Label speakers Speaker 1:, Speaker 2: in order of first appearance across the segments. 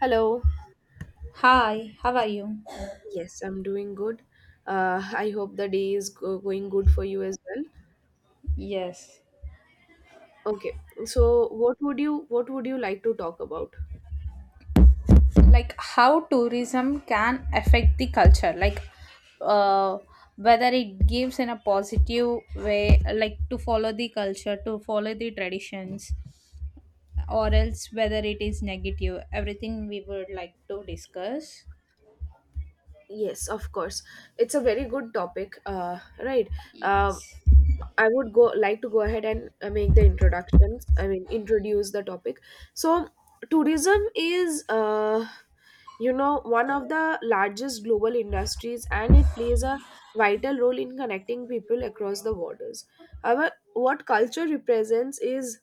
Speaker 1: Hello.
Speaker 2: Hi, how are you?
Speaker 1: Yes, I'm doing good. I hope the day is go going good for you as well.
Speaker 2: Yes.
Speaker 1: Okay. So, what would you like to talk about?
Speaker 2: Like how tourism can affect the culture, like uh, whether it gives in a positive way, like to follow the culture, to follow the traditions, or else whether it is negative. Everything we would like to discuss.
Speaker 1: Yes, of course. It's a very good topic, right? Uh,
Speaker 2: Yes.
Speaker 1: I would go like to go ahead and make the introductions. I mean, introduce the topic. So, tourism is, you know, one of the largest global industries, and it plays a vital role in connecting people across the borders. However, what culture represents is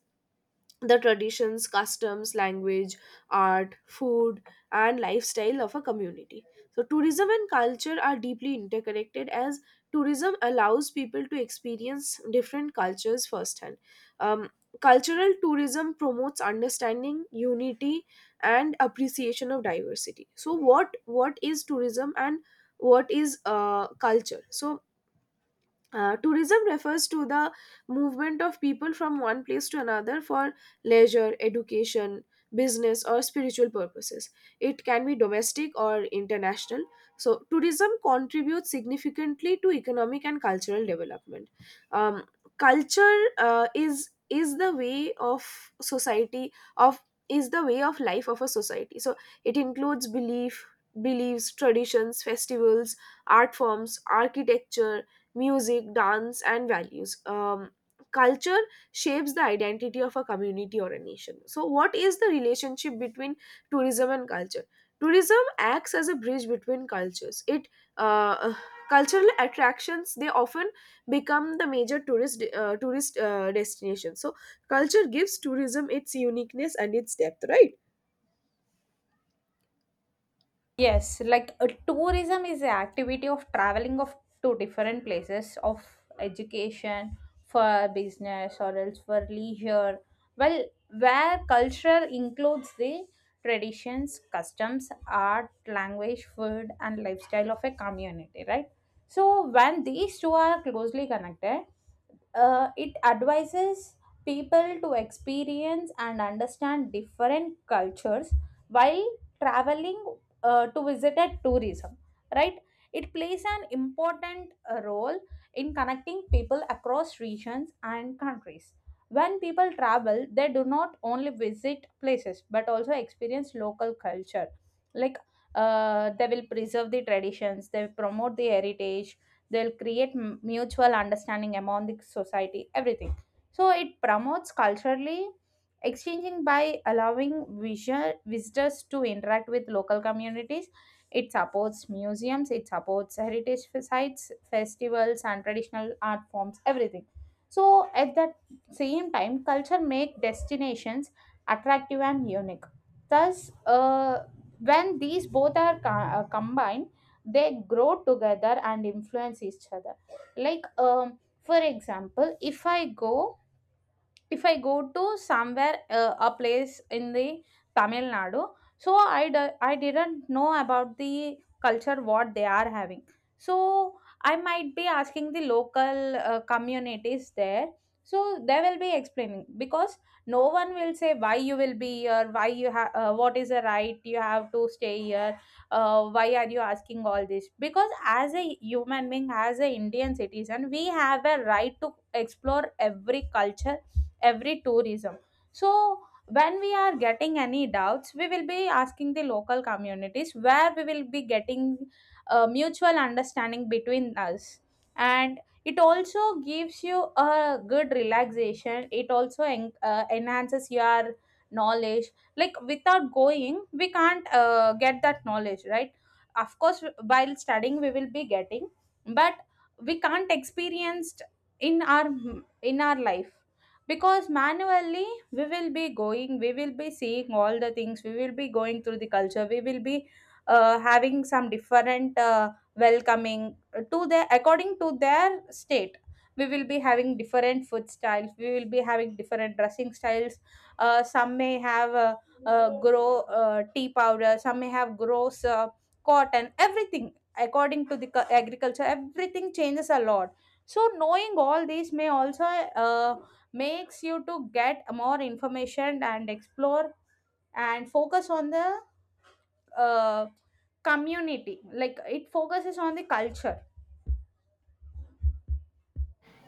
Speaker 1: the traditions, customs, language, art, food, and lifestyle of a community. So, tourism and culture are deeply interconnected as tourism allows people to experience different cultures firsthand. Um, Cultural tourism promotes understanding, unity, and appreciation of diversity. So, what is tourism and what is culture? So, tourism refers to the movement of people from one place to another for leisure, education, business, or spiritual purposes. It can be domestic or international. So, tourism contributes significantly to economic and cultural development. Um, Culture is the way of society of is the way of life of a society. So, it includes beliefs, traditions, festivals, art forms, architecture, music, dance, and values. Culture shapes the identity of a community or a nation. So, what is the relationship between tourism and culture? Tourism acts as a bridge between cultures. It uh, Cultural attractions they often become the major tourist destination. So, culture gives tourism its uniqueness and its depth, right?
Speaker 2: Yes, like a tourism is the activity of traveling of to different places of education, for business or else for leisure. Well, where culture includes the traditions, customs, art, language, food, and lifestyle of a community, right? So when these two are closely connected, it advises people to experience and understand different cultures while traveling to visit at tourism, right. It plays an important role in connecting people across regions and countries. When people travel, they do not only visit places but also experience local culture, like they will preserve the traditions, they will promote the heritage, they'll create mutual understanding among the society, everything. So it promotes culturally exchanging by allowing visual visitors to interact with local communities. It supports museums, it supports sites, festivals, and traditional art forms, everything. So at that same time culture make destinations attractive and unique. Thus when these both are combined, they grow together and influence each other, like for example, if I go to somewhere, a place in the Tamil Nadu. So I didn't know about the culture what they are having. So I might be asking the local communities there. So they will be explaining, because no one will say why you will be here, why you have, what is the right you have to stay here, why are you asking all this? Because as a human being, as a Indian citizen, we have a right to explore every culture, every tourism. So when we are getting any doubts, we will be asking the local communities, where we will be getting a mutual understanding between us. And it also gives you a good relaxation. It also enhances your knowledge. Like without going, we can't get that knowledge, right? Of course, while studying, we will be getting, but we can't experience in our in our life, because manually we will be going, we will be seeing all the things, we will be going through the culture, we will be having some different welcoming, to their according to their state, we will be having different food styles, we will be having different dressing styles. Uh, Some may have grow tea powder, some may have gross cotton, everything. According to the agriculture, everything changes a lot. So knowing all these may also, uh, makes you to get more information and explore and focus on the, uh, community, like it focuses on the culture.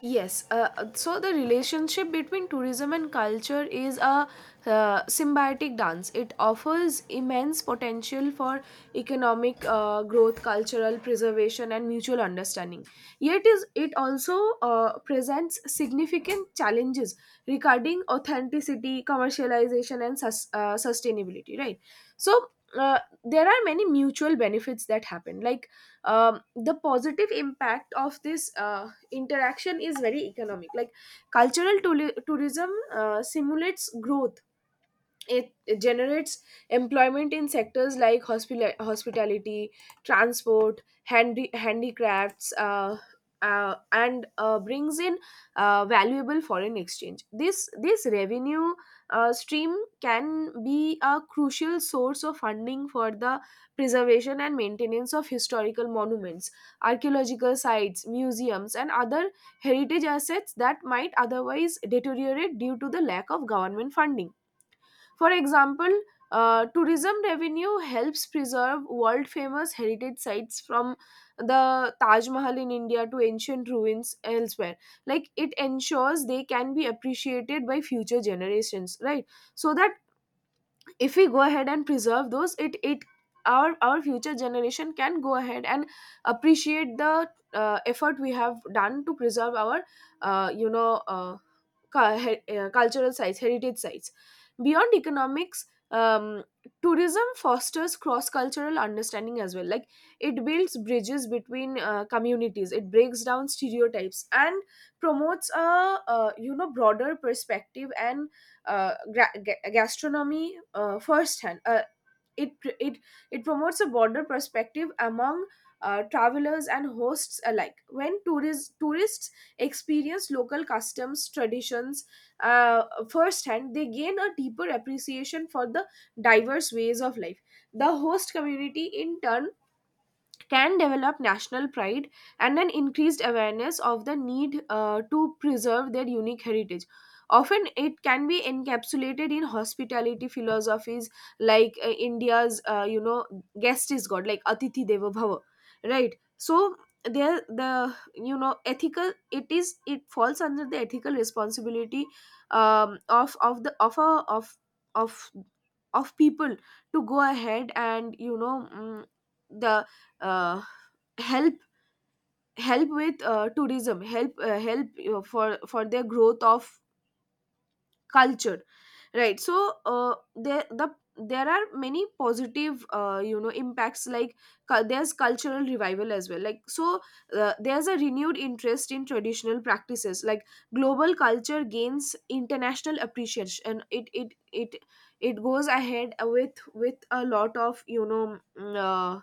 Speaker 1: Yes, so the relationship between tourism and culture is a symbiotic dance. It offers immense potential for economic growth, cultural preservation, and mutual understanding. Yet, is it also presents significant challenges regarding authenticity, commercialization, and sustainability. Right. So. Uh, there are many mutual benefits that happen, like the positive impact of this interaction is very economic. Like cultural tourism simulates growth. It generates employment in sectors like hospitality, transport, handicrafts, and brings in valuable foreign exchange. This revenue stream can be a crucial source of funding for the preservation and maintenance of historical monuments, archaeological sites, museums, and other heritage assets that might otherwise deteriorate due to the lack of government funding. For example, tourism revenue helps preserve world famous heritage sites from the Taj Mahal in India to ancient ruins elsewhere. Like it ensures they can be appreciated by future generations, right? So that if we go ahead and preserve those, it our future generation can go ahead and appreciate the effort we have done to preserve our uh, you know uh, cultural sites, heritage sites. Beyond economics, um, tourism fosters cross cultural understanding as well. Like it builds bridges between communities, it breaks down stereotypes, and promotes a you know broader perspective and gastronomy firsthand. It it it promotes a broader perspective among travelers and hosts alike. When tourists experience local customs, traditions, uh, firsthand, they gain a deeper appreciation for the diverse ways of life. The host community in turn can develop national pride and an increased awareness of the need to preserve their unique heritage. Often, it can be encapsulated in hospitality philosophies like India's, you know, guest is God, like Atithi Deva Bhava, right? So there, the you know ethical, it is it falls under the ethical responsibility of the of a of of of people to go ahead and you know mm, the uh, help help with tourism, help for their growth of culture, right? So uh, there the there are many positive you know impacts like there's cultural revival as well. Like so there's a renewed interest in traditional practices. Like global culture gains international appreciation, and it goes ahead with a lot of you know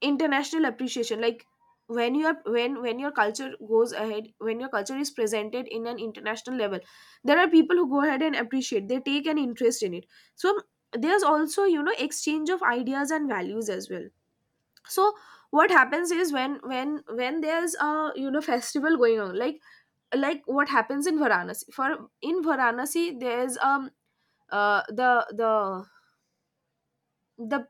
Speaker 1: international appreciation. Like when you are when your culture goes ahead, when your culture is presented in an international level, there are people who go ahead and appreciate, they take an interest in it. So there's also you know exchange of ideas and values as well. So what happens is when there's a you know festival going on. Like what happens in varanasi for in varanasi there's uh, the the the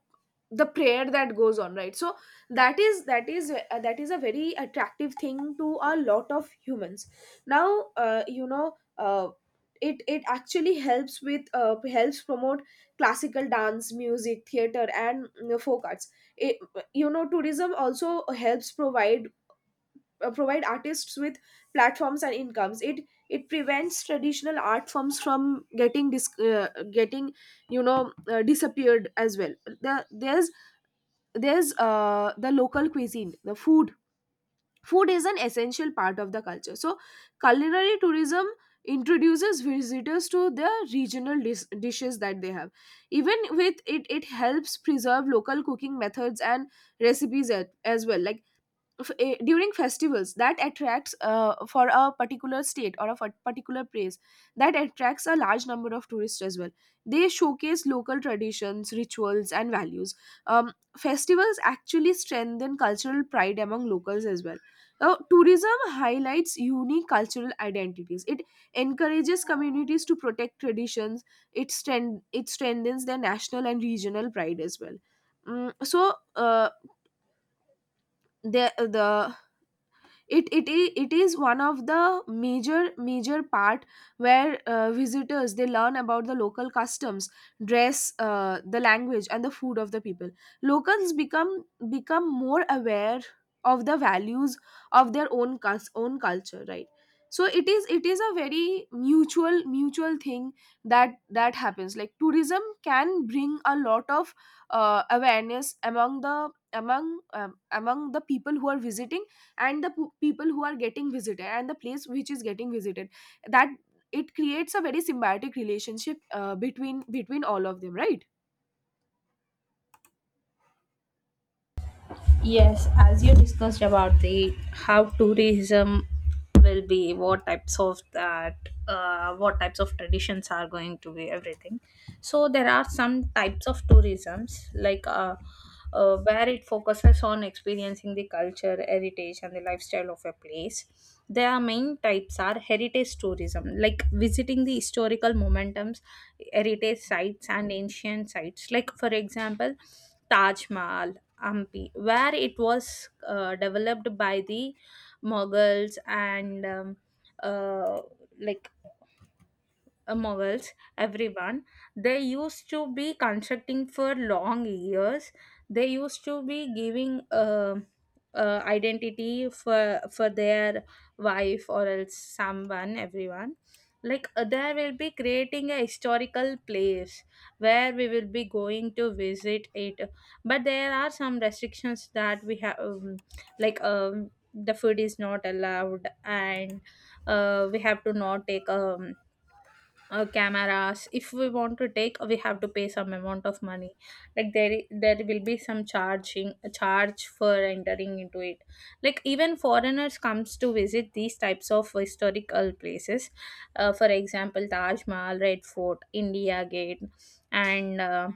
Speaker 1: the prayer that goes on, right? So that is a very attractive thing to a lot of humans now. You know it it actually helps with helps promote classical dance, music, theater, and you know, folk arts. it, you know, tourism also helps provide provide artists with platforms and incomes. It prevents traditional art forms from getting getting you know disappeared as well. There's the local cuisine. The food is an essential part of the culture. So culinary tourism introduces visitors to the regional dishes that they have. Even with it, it helps preserve local cooking methods and recipes as well. Like during festivals that attracts for a particular state or a particular place, that attracts a large number of tourists as well. They showcase local traditions, rituals, and values. Festivals actually strengthen cultural pride among locals as well. Now, tourism highlights unique cultural identities. It encourages communities to protect traditions. It strengthens their national and regional pride as well. Mm, so the it it I- it is one of the major part where visitors they learn about the local customs, dress, the language and the food of the people. Locals become more aware of the values of their own own culture, right? So it is, it is a very mutual thing that that happens. Like tourism can bring a lot of awareness among the among among the people who are visiting and the people who are getting visited, and the place which is getting visited. That it creates a very symbiotic relationship between all of them, right?
Speaker 2: Yes, as you discussed about the how tourism will be, what types of that, what types of traditions are going to be, everything. So there are some types of tourisms like where it focuses on experiencing the culture, heritage, and the lifestyle of a place. Their main types are heritage tourism, like visiting the historical momentums, heritage sites, and ancient sites. Like for example, Taj Mahal, Hampi, where it was developed by the Mughals and uh, like Mughals, everyone, they used to be constructing for long years. They used to be giving identity for their wife or else someone, everyone. Like there will be creating a historical place where we will be going to visit it, but there are some restrictions that we have, like the food is not allowed, and we have to not take cameras. If we want to take, we have to pay some amount of money. Like there will be some charging charge for entering into it. Like even foreigners comes to visit these types of historical places, for example, Taj Mahal, Red Fort, India Gate, and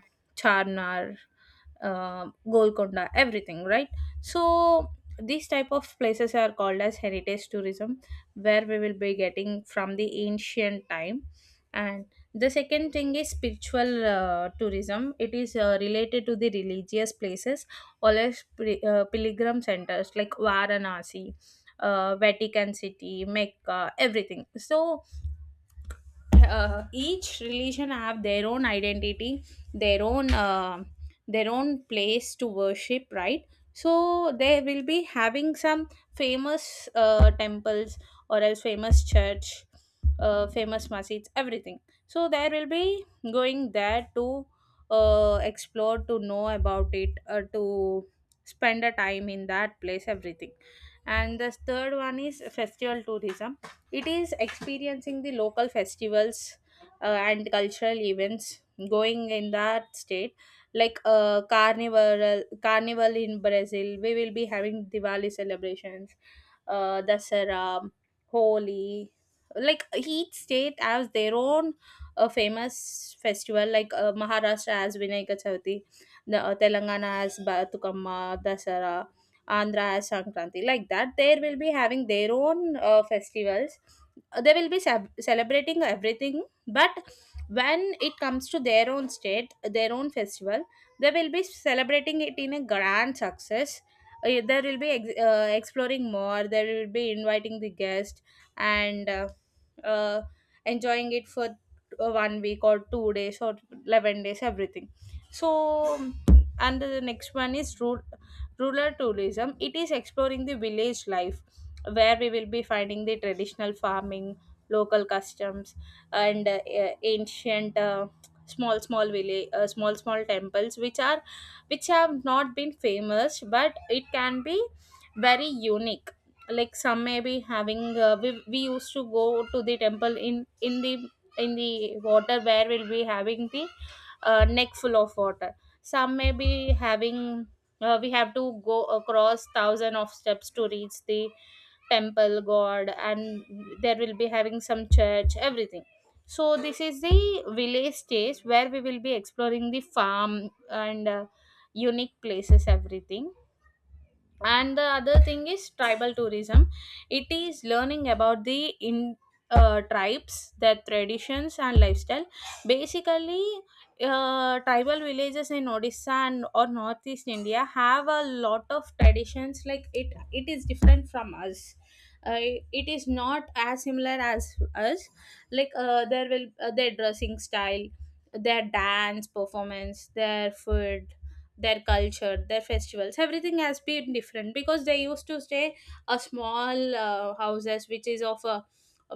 Speaker 2: Charnar, uh, Golconda, everything, right? So these type of places are called as heritage tourism, where we will be getting from the ancient time. And the second thing is spiritual tourism. It is related to the religious places, all as pilgrim centers like Varanasi, Vatican City, Mecca, everything. So each religion have their own identity, their own uh, their own place to worship, right? So they will be having some famous temples, or else famous church, famous masjids, everything. So there will be going there to explore, to know about it, to spend a time in that place, everything. And the third one is festival tourism. It is experiencing the local festivals and cultural events going in that state, like carnival in Brazil. We will be having Diwali celebrations, Dasara, Holi. Like each state has their own famous festival, like Maharashtra has Vinayaka Chavati, Telangana has Batukamma, Dasara, Andhra has Sankranti, like that. They will be having their own festivals. They will be celebrating everything, but when it comes to their own state, their own festival, they will be celebrating it in a grand success. There will be exploring more. There will be inviting the guest, and uh, enjoying it for 1 week or 2 days or 11 days, everything. So, and the next one is root rural tourism. It is exploring the village life, where we will be finding the traditional farming, local customs, and ancient. Small small village, small small temples which are, which have not been famous but it can be very unique. Like some may be having, we used to go to the temple in in the water, where we'll be having the neck full of water. Some may be having, we have to go across thousand of steps to reach the temple god, and there will be having some church, everything. So this is the village stage, where we will be exploring the farm, and unique places, everything. And the other thing is tribal tourism. It is learning about the in tribes, their traditions and lifestyle. Basically tribal villages in Odisha and or northeast India have a lot of traditions, like it is different from us. uh, it is not as similar as us. Like there will their dressing style, their dance performance, their food, their culture, their festivals, everything has been different, because they used to stay a small houses which is of a,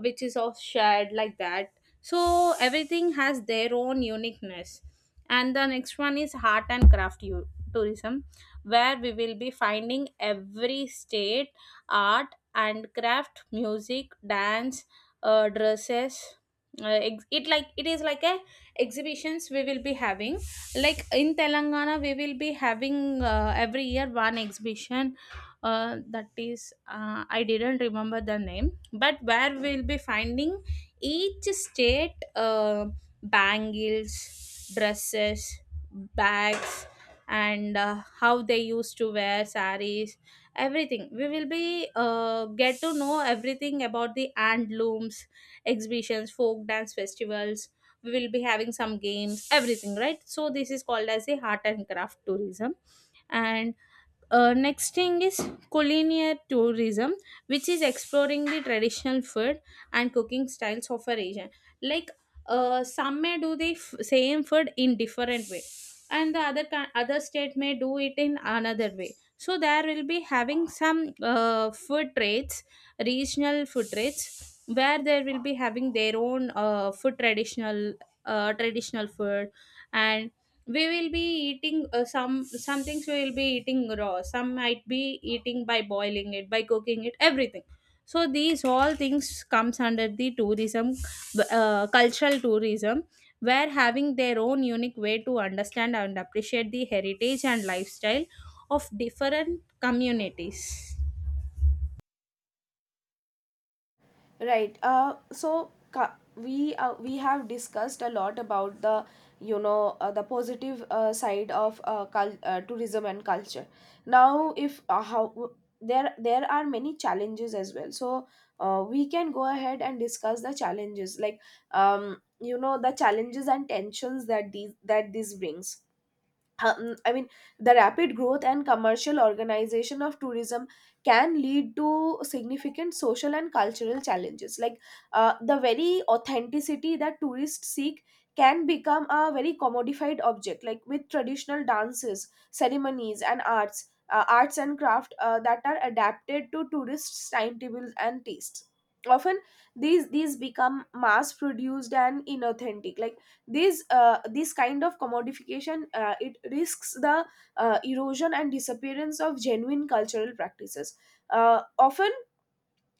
Speaker 2: which is of shared like that. So everything has their own uniqueness. And the next one is art and craft u- tourism, where we will be finding every state art and craft, music, dance, dresses. It like it is like a exhibitions we will be having, like in Telangana we will be having every year one exhibition, that is I didn't remember the name, but where we'll be finding each state bangles, dresses, bags, and how they used to wear saris, everything. We will be get to know everything about the hand looms, exhibitions, folk dance festivals, we will be having some games, everything, right? So this is called as a art and craft tourism. And next thing is culinary tourism, which is exploring the traditional food and cooking styles of a region. Like some may do the same food in different way, and the other other state may do it in another way. So there will be having some food traits, regional food traits, where they will be having their own food traditional traditional food. And we will be eating some things we will be eating raw, some might be eating by boiling it, by cooking it, everything. So these all things comes under the tourism, cultural tourism, where having their own unique way to understand and appreciate the heritage and lifestyle of different communities.
Speaker 1: Right. We we have discussed a lot about the you know the positive side of tourism and culture. Now, if how there there are many challenges as well. So we can go ahead and discuss the challenges, like you know the challenges and tensions that these that this brings. I mean, the rapid growth and commercial organization of tourism can lead to significant social and cultural challenges. Like the very authenticity that tourists seek can become a very commodified object, like with traditional dances, ceremonies, and arts and craft that are adapted to tourists' timetables and tastes. Often, these become mass produced and inauthentic. Like these this kind of commodification it risks the erosion and disappearance of genuine cultural practices. Often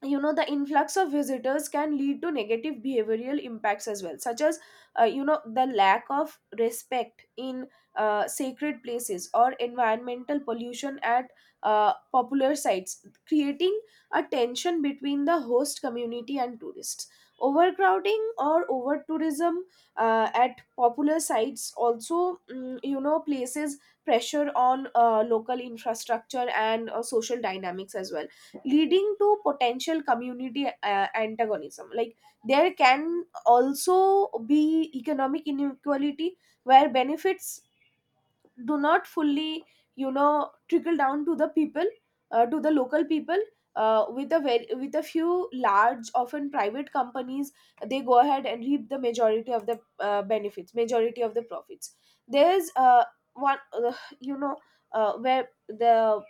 Speaker 1: you know the influx of visitors can lead to negative behavioral impacts as well, such as you know the lack of respect in sacred places, or environmental pollution at popular sites, creating a tension between the host community and tourists. Overcrowding or over tourism at popular sites also you know places pressure on local infrastructure and social dynamics as well, leading to potential community antagonism. Like there can also be economic inequality where benefits do not fully you know trickle down to the people, to the local people, with a very, with a few large often private companies. They go ahead and reap the majority of the benefits, majority of the profits. There's one you know Where the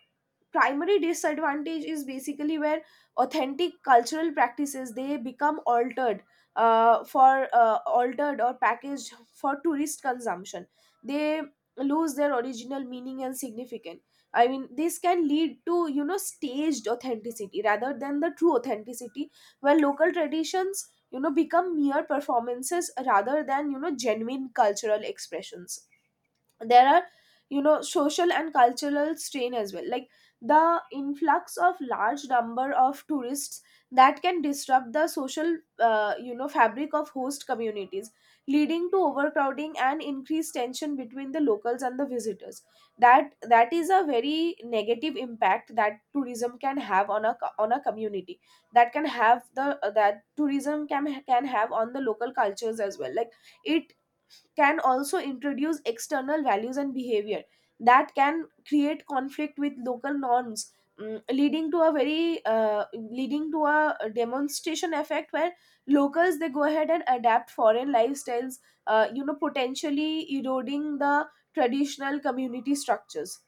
Speaker 1: primary disadvantage is basically where authentic cultural practices they become altered for altered or packaged for tourist consumption. They lose their original meaning and significance. I mean, this can lead to you know staged authenticity rather than the true authenticity, where local traditions you know become mere performances rather than you know genuine cultural expressions. There are you know social and cultural strain as well. Like the influx of large number of tourists, that can disrupt the social you know fabric of host communities, leading to overcrowding and increased tension between the locals and the visitors. That is a very negative impact that tourism can have on a on a community, that can have the that tourism can have on the local cultures as well. Like it can also introduce external values and behavior that can create conflict with local norms. Leading to a very leading to a demonstration effect where locals they go ahead and adapt foreign lifestyles, you know potentially eroding the traditional community structures.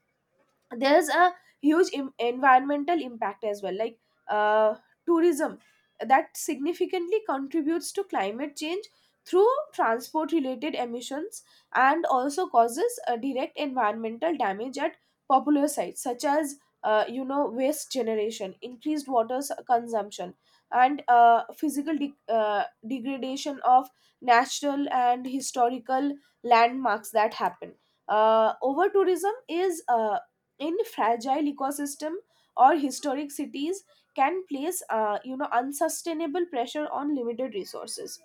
Speaker 1: There's a huge environmental Impact as well. Like uh, tourism that significantly contributes to climate change through transport related emissions, and also causes a direct environmental damage at popular sites, such as waste generation, increased consumption, and degradation of natural and historical landmarks that happen. Over tourism is, in fragile ecosystem or historic cities, can place unsustainable pressure on limited resources.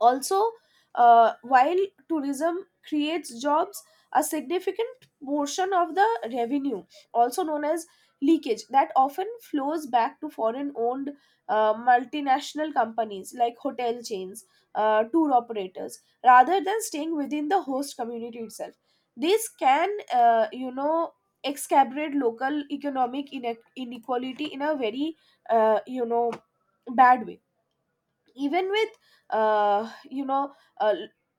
Speaker 1: Also, while tourism creates jobs, a significant portion of the revenue, also known as leakage, that often flows back to foreign owned multinational companies like hotel chains, tour operators, rather than staying within the host community itself. This can, exacerbate local economic inequality in a very, uh, you know, bad way. Even with uh, you know uh,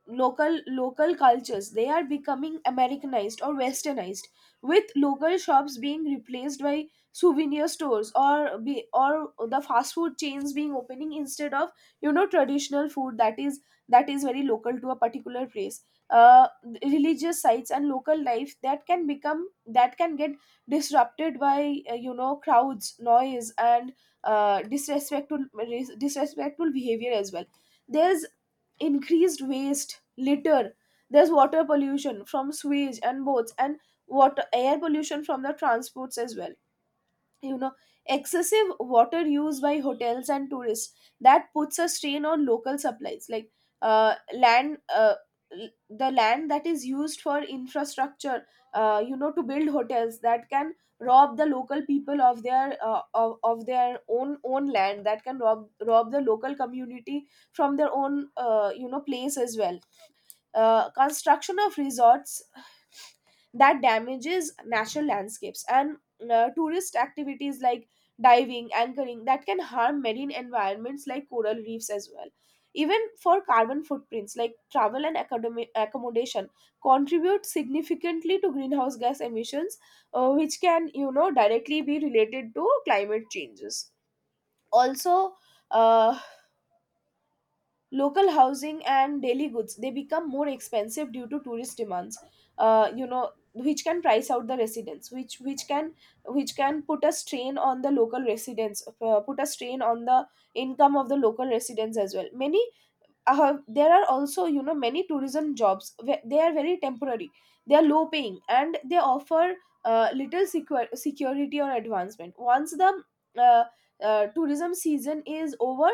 Speaker 1: local cultures, they are becoming americanized or westernized, with local shops being replaced by souvenir stores, or the fast food chains being opening instead of traditional food that is very local to a particular place. uh, Religious sites and local life, that can get disrupted by crowds, noise, and uh, disrespectful disrespectful behavior as well. There's increased waste, litter, there's water pollution from sewage and boats, and water air pollution from the transports as well. you know Excessive water use by hotels and tourists that puts a strain on local supplies, like uh, land uh, the land that is used for infrastructure, to build hotels, that can rob the local people of their own land. That can rob the local community from their own, place as well. Construction of resorts that damages natural landscapes, and tourist activities like diving, anchoring, that can harm marine environments like coral reefs as well. Even for carbon footprints, like travel and accommodation contribute significantly to greenhouse gas emissions, which can directly be related to climate changes. Also, uh, local housing and daily goods, they become more expensive due to tourist demands, which can price out the residents, which can put a strain on the local residents, put a strain on the income of the local residents as well. Many there are also many tourism jobs where they are very temporary, they are low paying, and they offer little security or advancement once the uh, tourism season is over.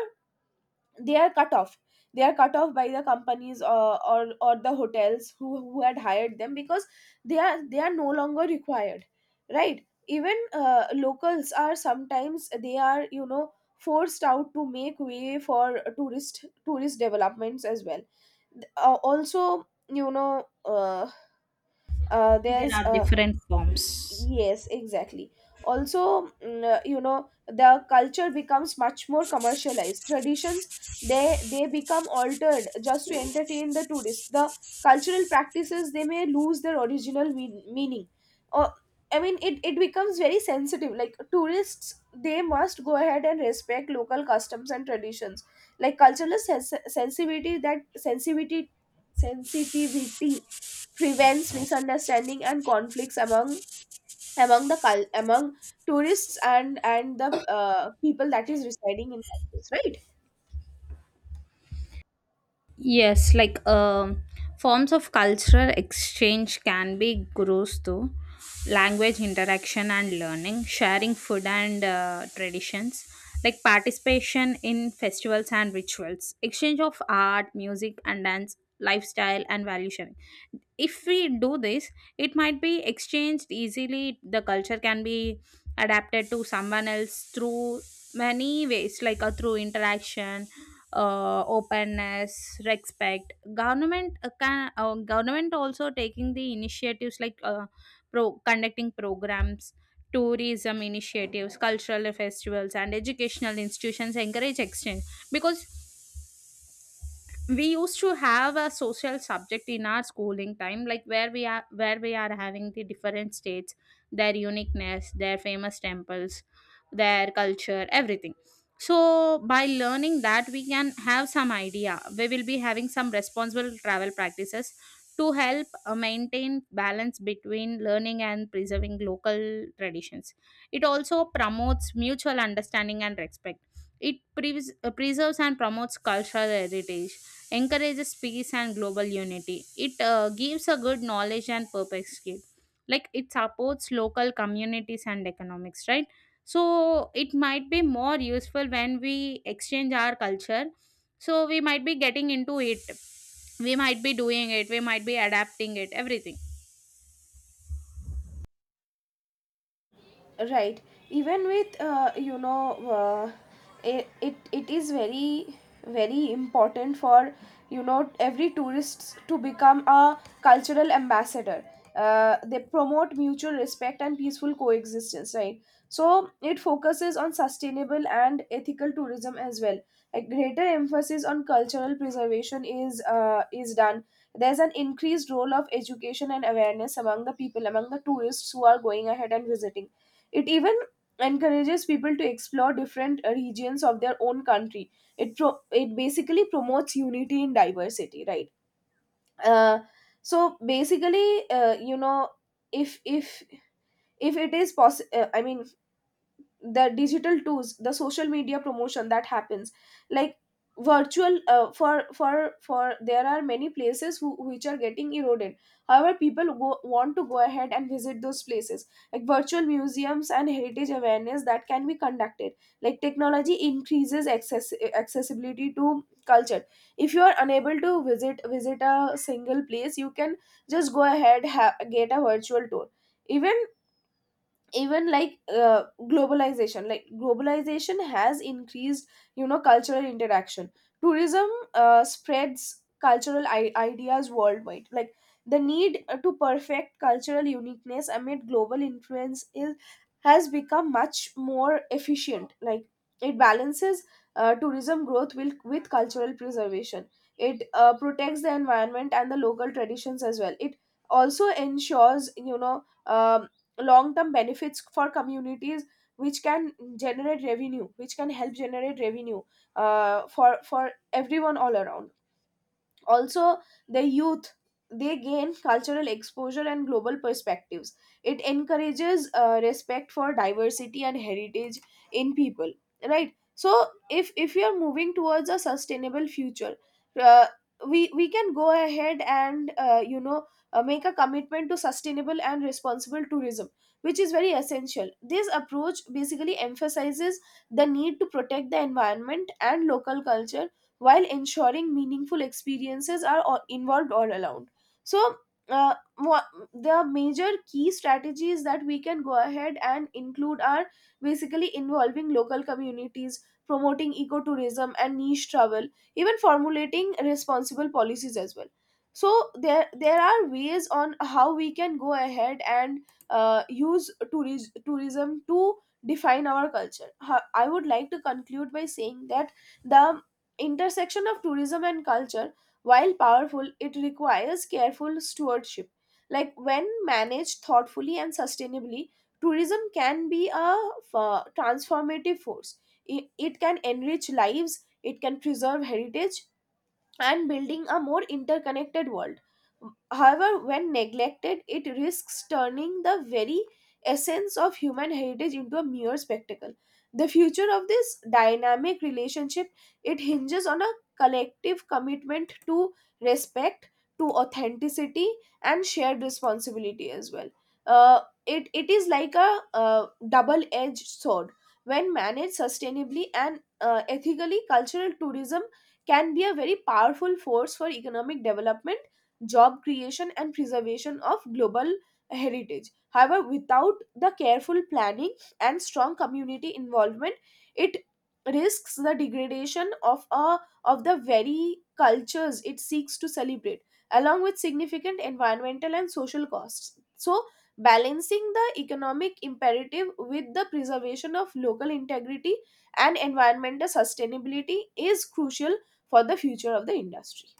Speaker 1: They are cut off, they are cut off by the companies or the hotels who had hired them, because they are, they are no longer required, right? Even locals are sometimes, they are, forced out to make way for tourist developments as well. Also you know
Speaker 2: There
Speaker 1: there's
Speaker 2: are different forms.
Speaker 1: Yes, exactly. Also, the culture becomes much more commercialized. Traditions, they become altered just to entertain the tourists. The cultural practices, they may lose their original meaning. Or I mean, it becomes very sensitive. Like tourists, they must go ahead and respect local customs and traditions. Like cultural sens- sensitivity that sensitivity sensitivity prevents misunderstanding and conflicts among, among tourists and the people that is residing in that place, right?
Speaker 2: Yes, like forms of cultural exchange can be grows through language interaction and learning, sharing food and traditions, like participation in festivals and rituals, exchange of art, music, and dance, lifestyle, and value sharing. If we do this, it might be exchanged easily. The culture can be adapted to someone else through many ways, like through interaction, openness, respect, government also taking the initiatives, like conducting programs, tourism initiatives, cultural festivals, and educational institutions encourage exchange. Because we used to have a social subject in our schooling time, like where we are having the different states, their uniqueness, their famous temples, their culture, everything. So by learning that we can have some idea, we will be having some responsible travel practices to help maintain balance between learning and preserving local traditions. It also promotes mutual understanding and respect. It preserves and promotes cultural heritage, encourages peace and global unity. It gives a good knowledge and perfect skill. Like it supports local communities and economics, right? So it might be more useful when we exchange our culture. So we might be getting into it, we might be doing it, we might be adapting it, everything.
Speaker 1: Right, even with it it is very, very important for every tourists to become a cultural ambassador. They promote mutual respect and peaceful coexistence, right? So it focuses on sustainable and ethical tourism as well. A greater emphasis on cultural preservation is, is done. There's an increased role of education and awareness among the people, among the tourists who are going ahead and visiting. It even encourages people to explore different regions of their own country. It basically promotes unity in diversity, right? Uh, so basically, if if if it is possible, I mean, the digital tools, the social media promotion that happens, like virtual, for there are many places which are getting eroded, however people want to go ahead and visit those places. Like virtual museums and heritage awareness that can be conducted. Like technology increases accessibility to culture. If you are unable to visit a single place, you can just get a virtual tour. Even, even like globalization has increased cultural interaction. Tourism spreads cultural ideas worldwide. Like the need to perfect cultural uniqueness amid global influence is, has become much more efficient. Like it balances tourism growth with cultural preservation. It protects the environment and the local traditions as well. It also ensures long term benefits for communities, which can generate revenue, which can help generate revenue for everyone all around. Also, the youth, they gain cultural exposure and global perspectives. It encourages respect for diversity and heritage in people, right? So if you are moving towards a sustainable future, uh, we can go ahead and, make a commitment to sustainable and responsible tourism, which is very essential. This approach basically emphasizes the need to protect the environment and local culture, while ensuring meaningful experiences are involved all around. So, uh, wha- the major key strategies that we can go ahead and include are basically involving local communities, promoting ecotourism and niche travel, even formulating responsible policies as well. So there are ways on how we can go ahead and tourism to define our culture. I would like to conclude by saying that the intersection of tourism and culture, while powerful, it requires careful stewardship. Like, when managed thoughtfully and sustainably, tourism can be a transformative force. It can enrich lives, it can preserve heritage, and building a more interconnected world. However, when neglected, it risks turning the very essence of human heritage into a mere spectacle. The future of this dynamic relationship, it hinges on a collective commitment to respect, to authenticity, and shared responsibility as well. It is like a double-edged sword. When managed sustainably and ethically, cultural tourism can be a very powerful force for economic development, job creation, and preservation of global heritage. However, without the careful planning and strong community involvement, it risks the degradation of a, of the very cultures it seeks to celebrate, along with significant environmental and social costs. So balancing the economic imperative with the preservation of local integrity and environmental sustainability is crucial for the future of the industry.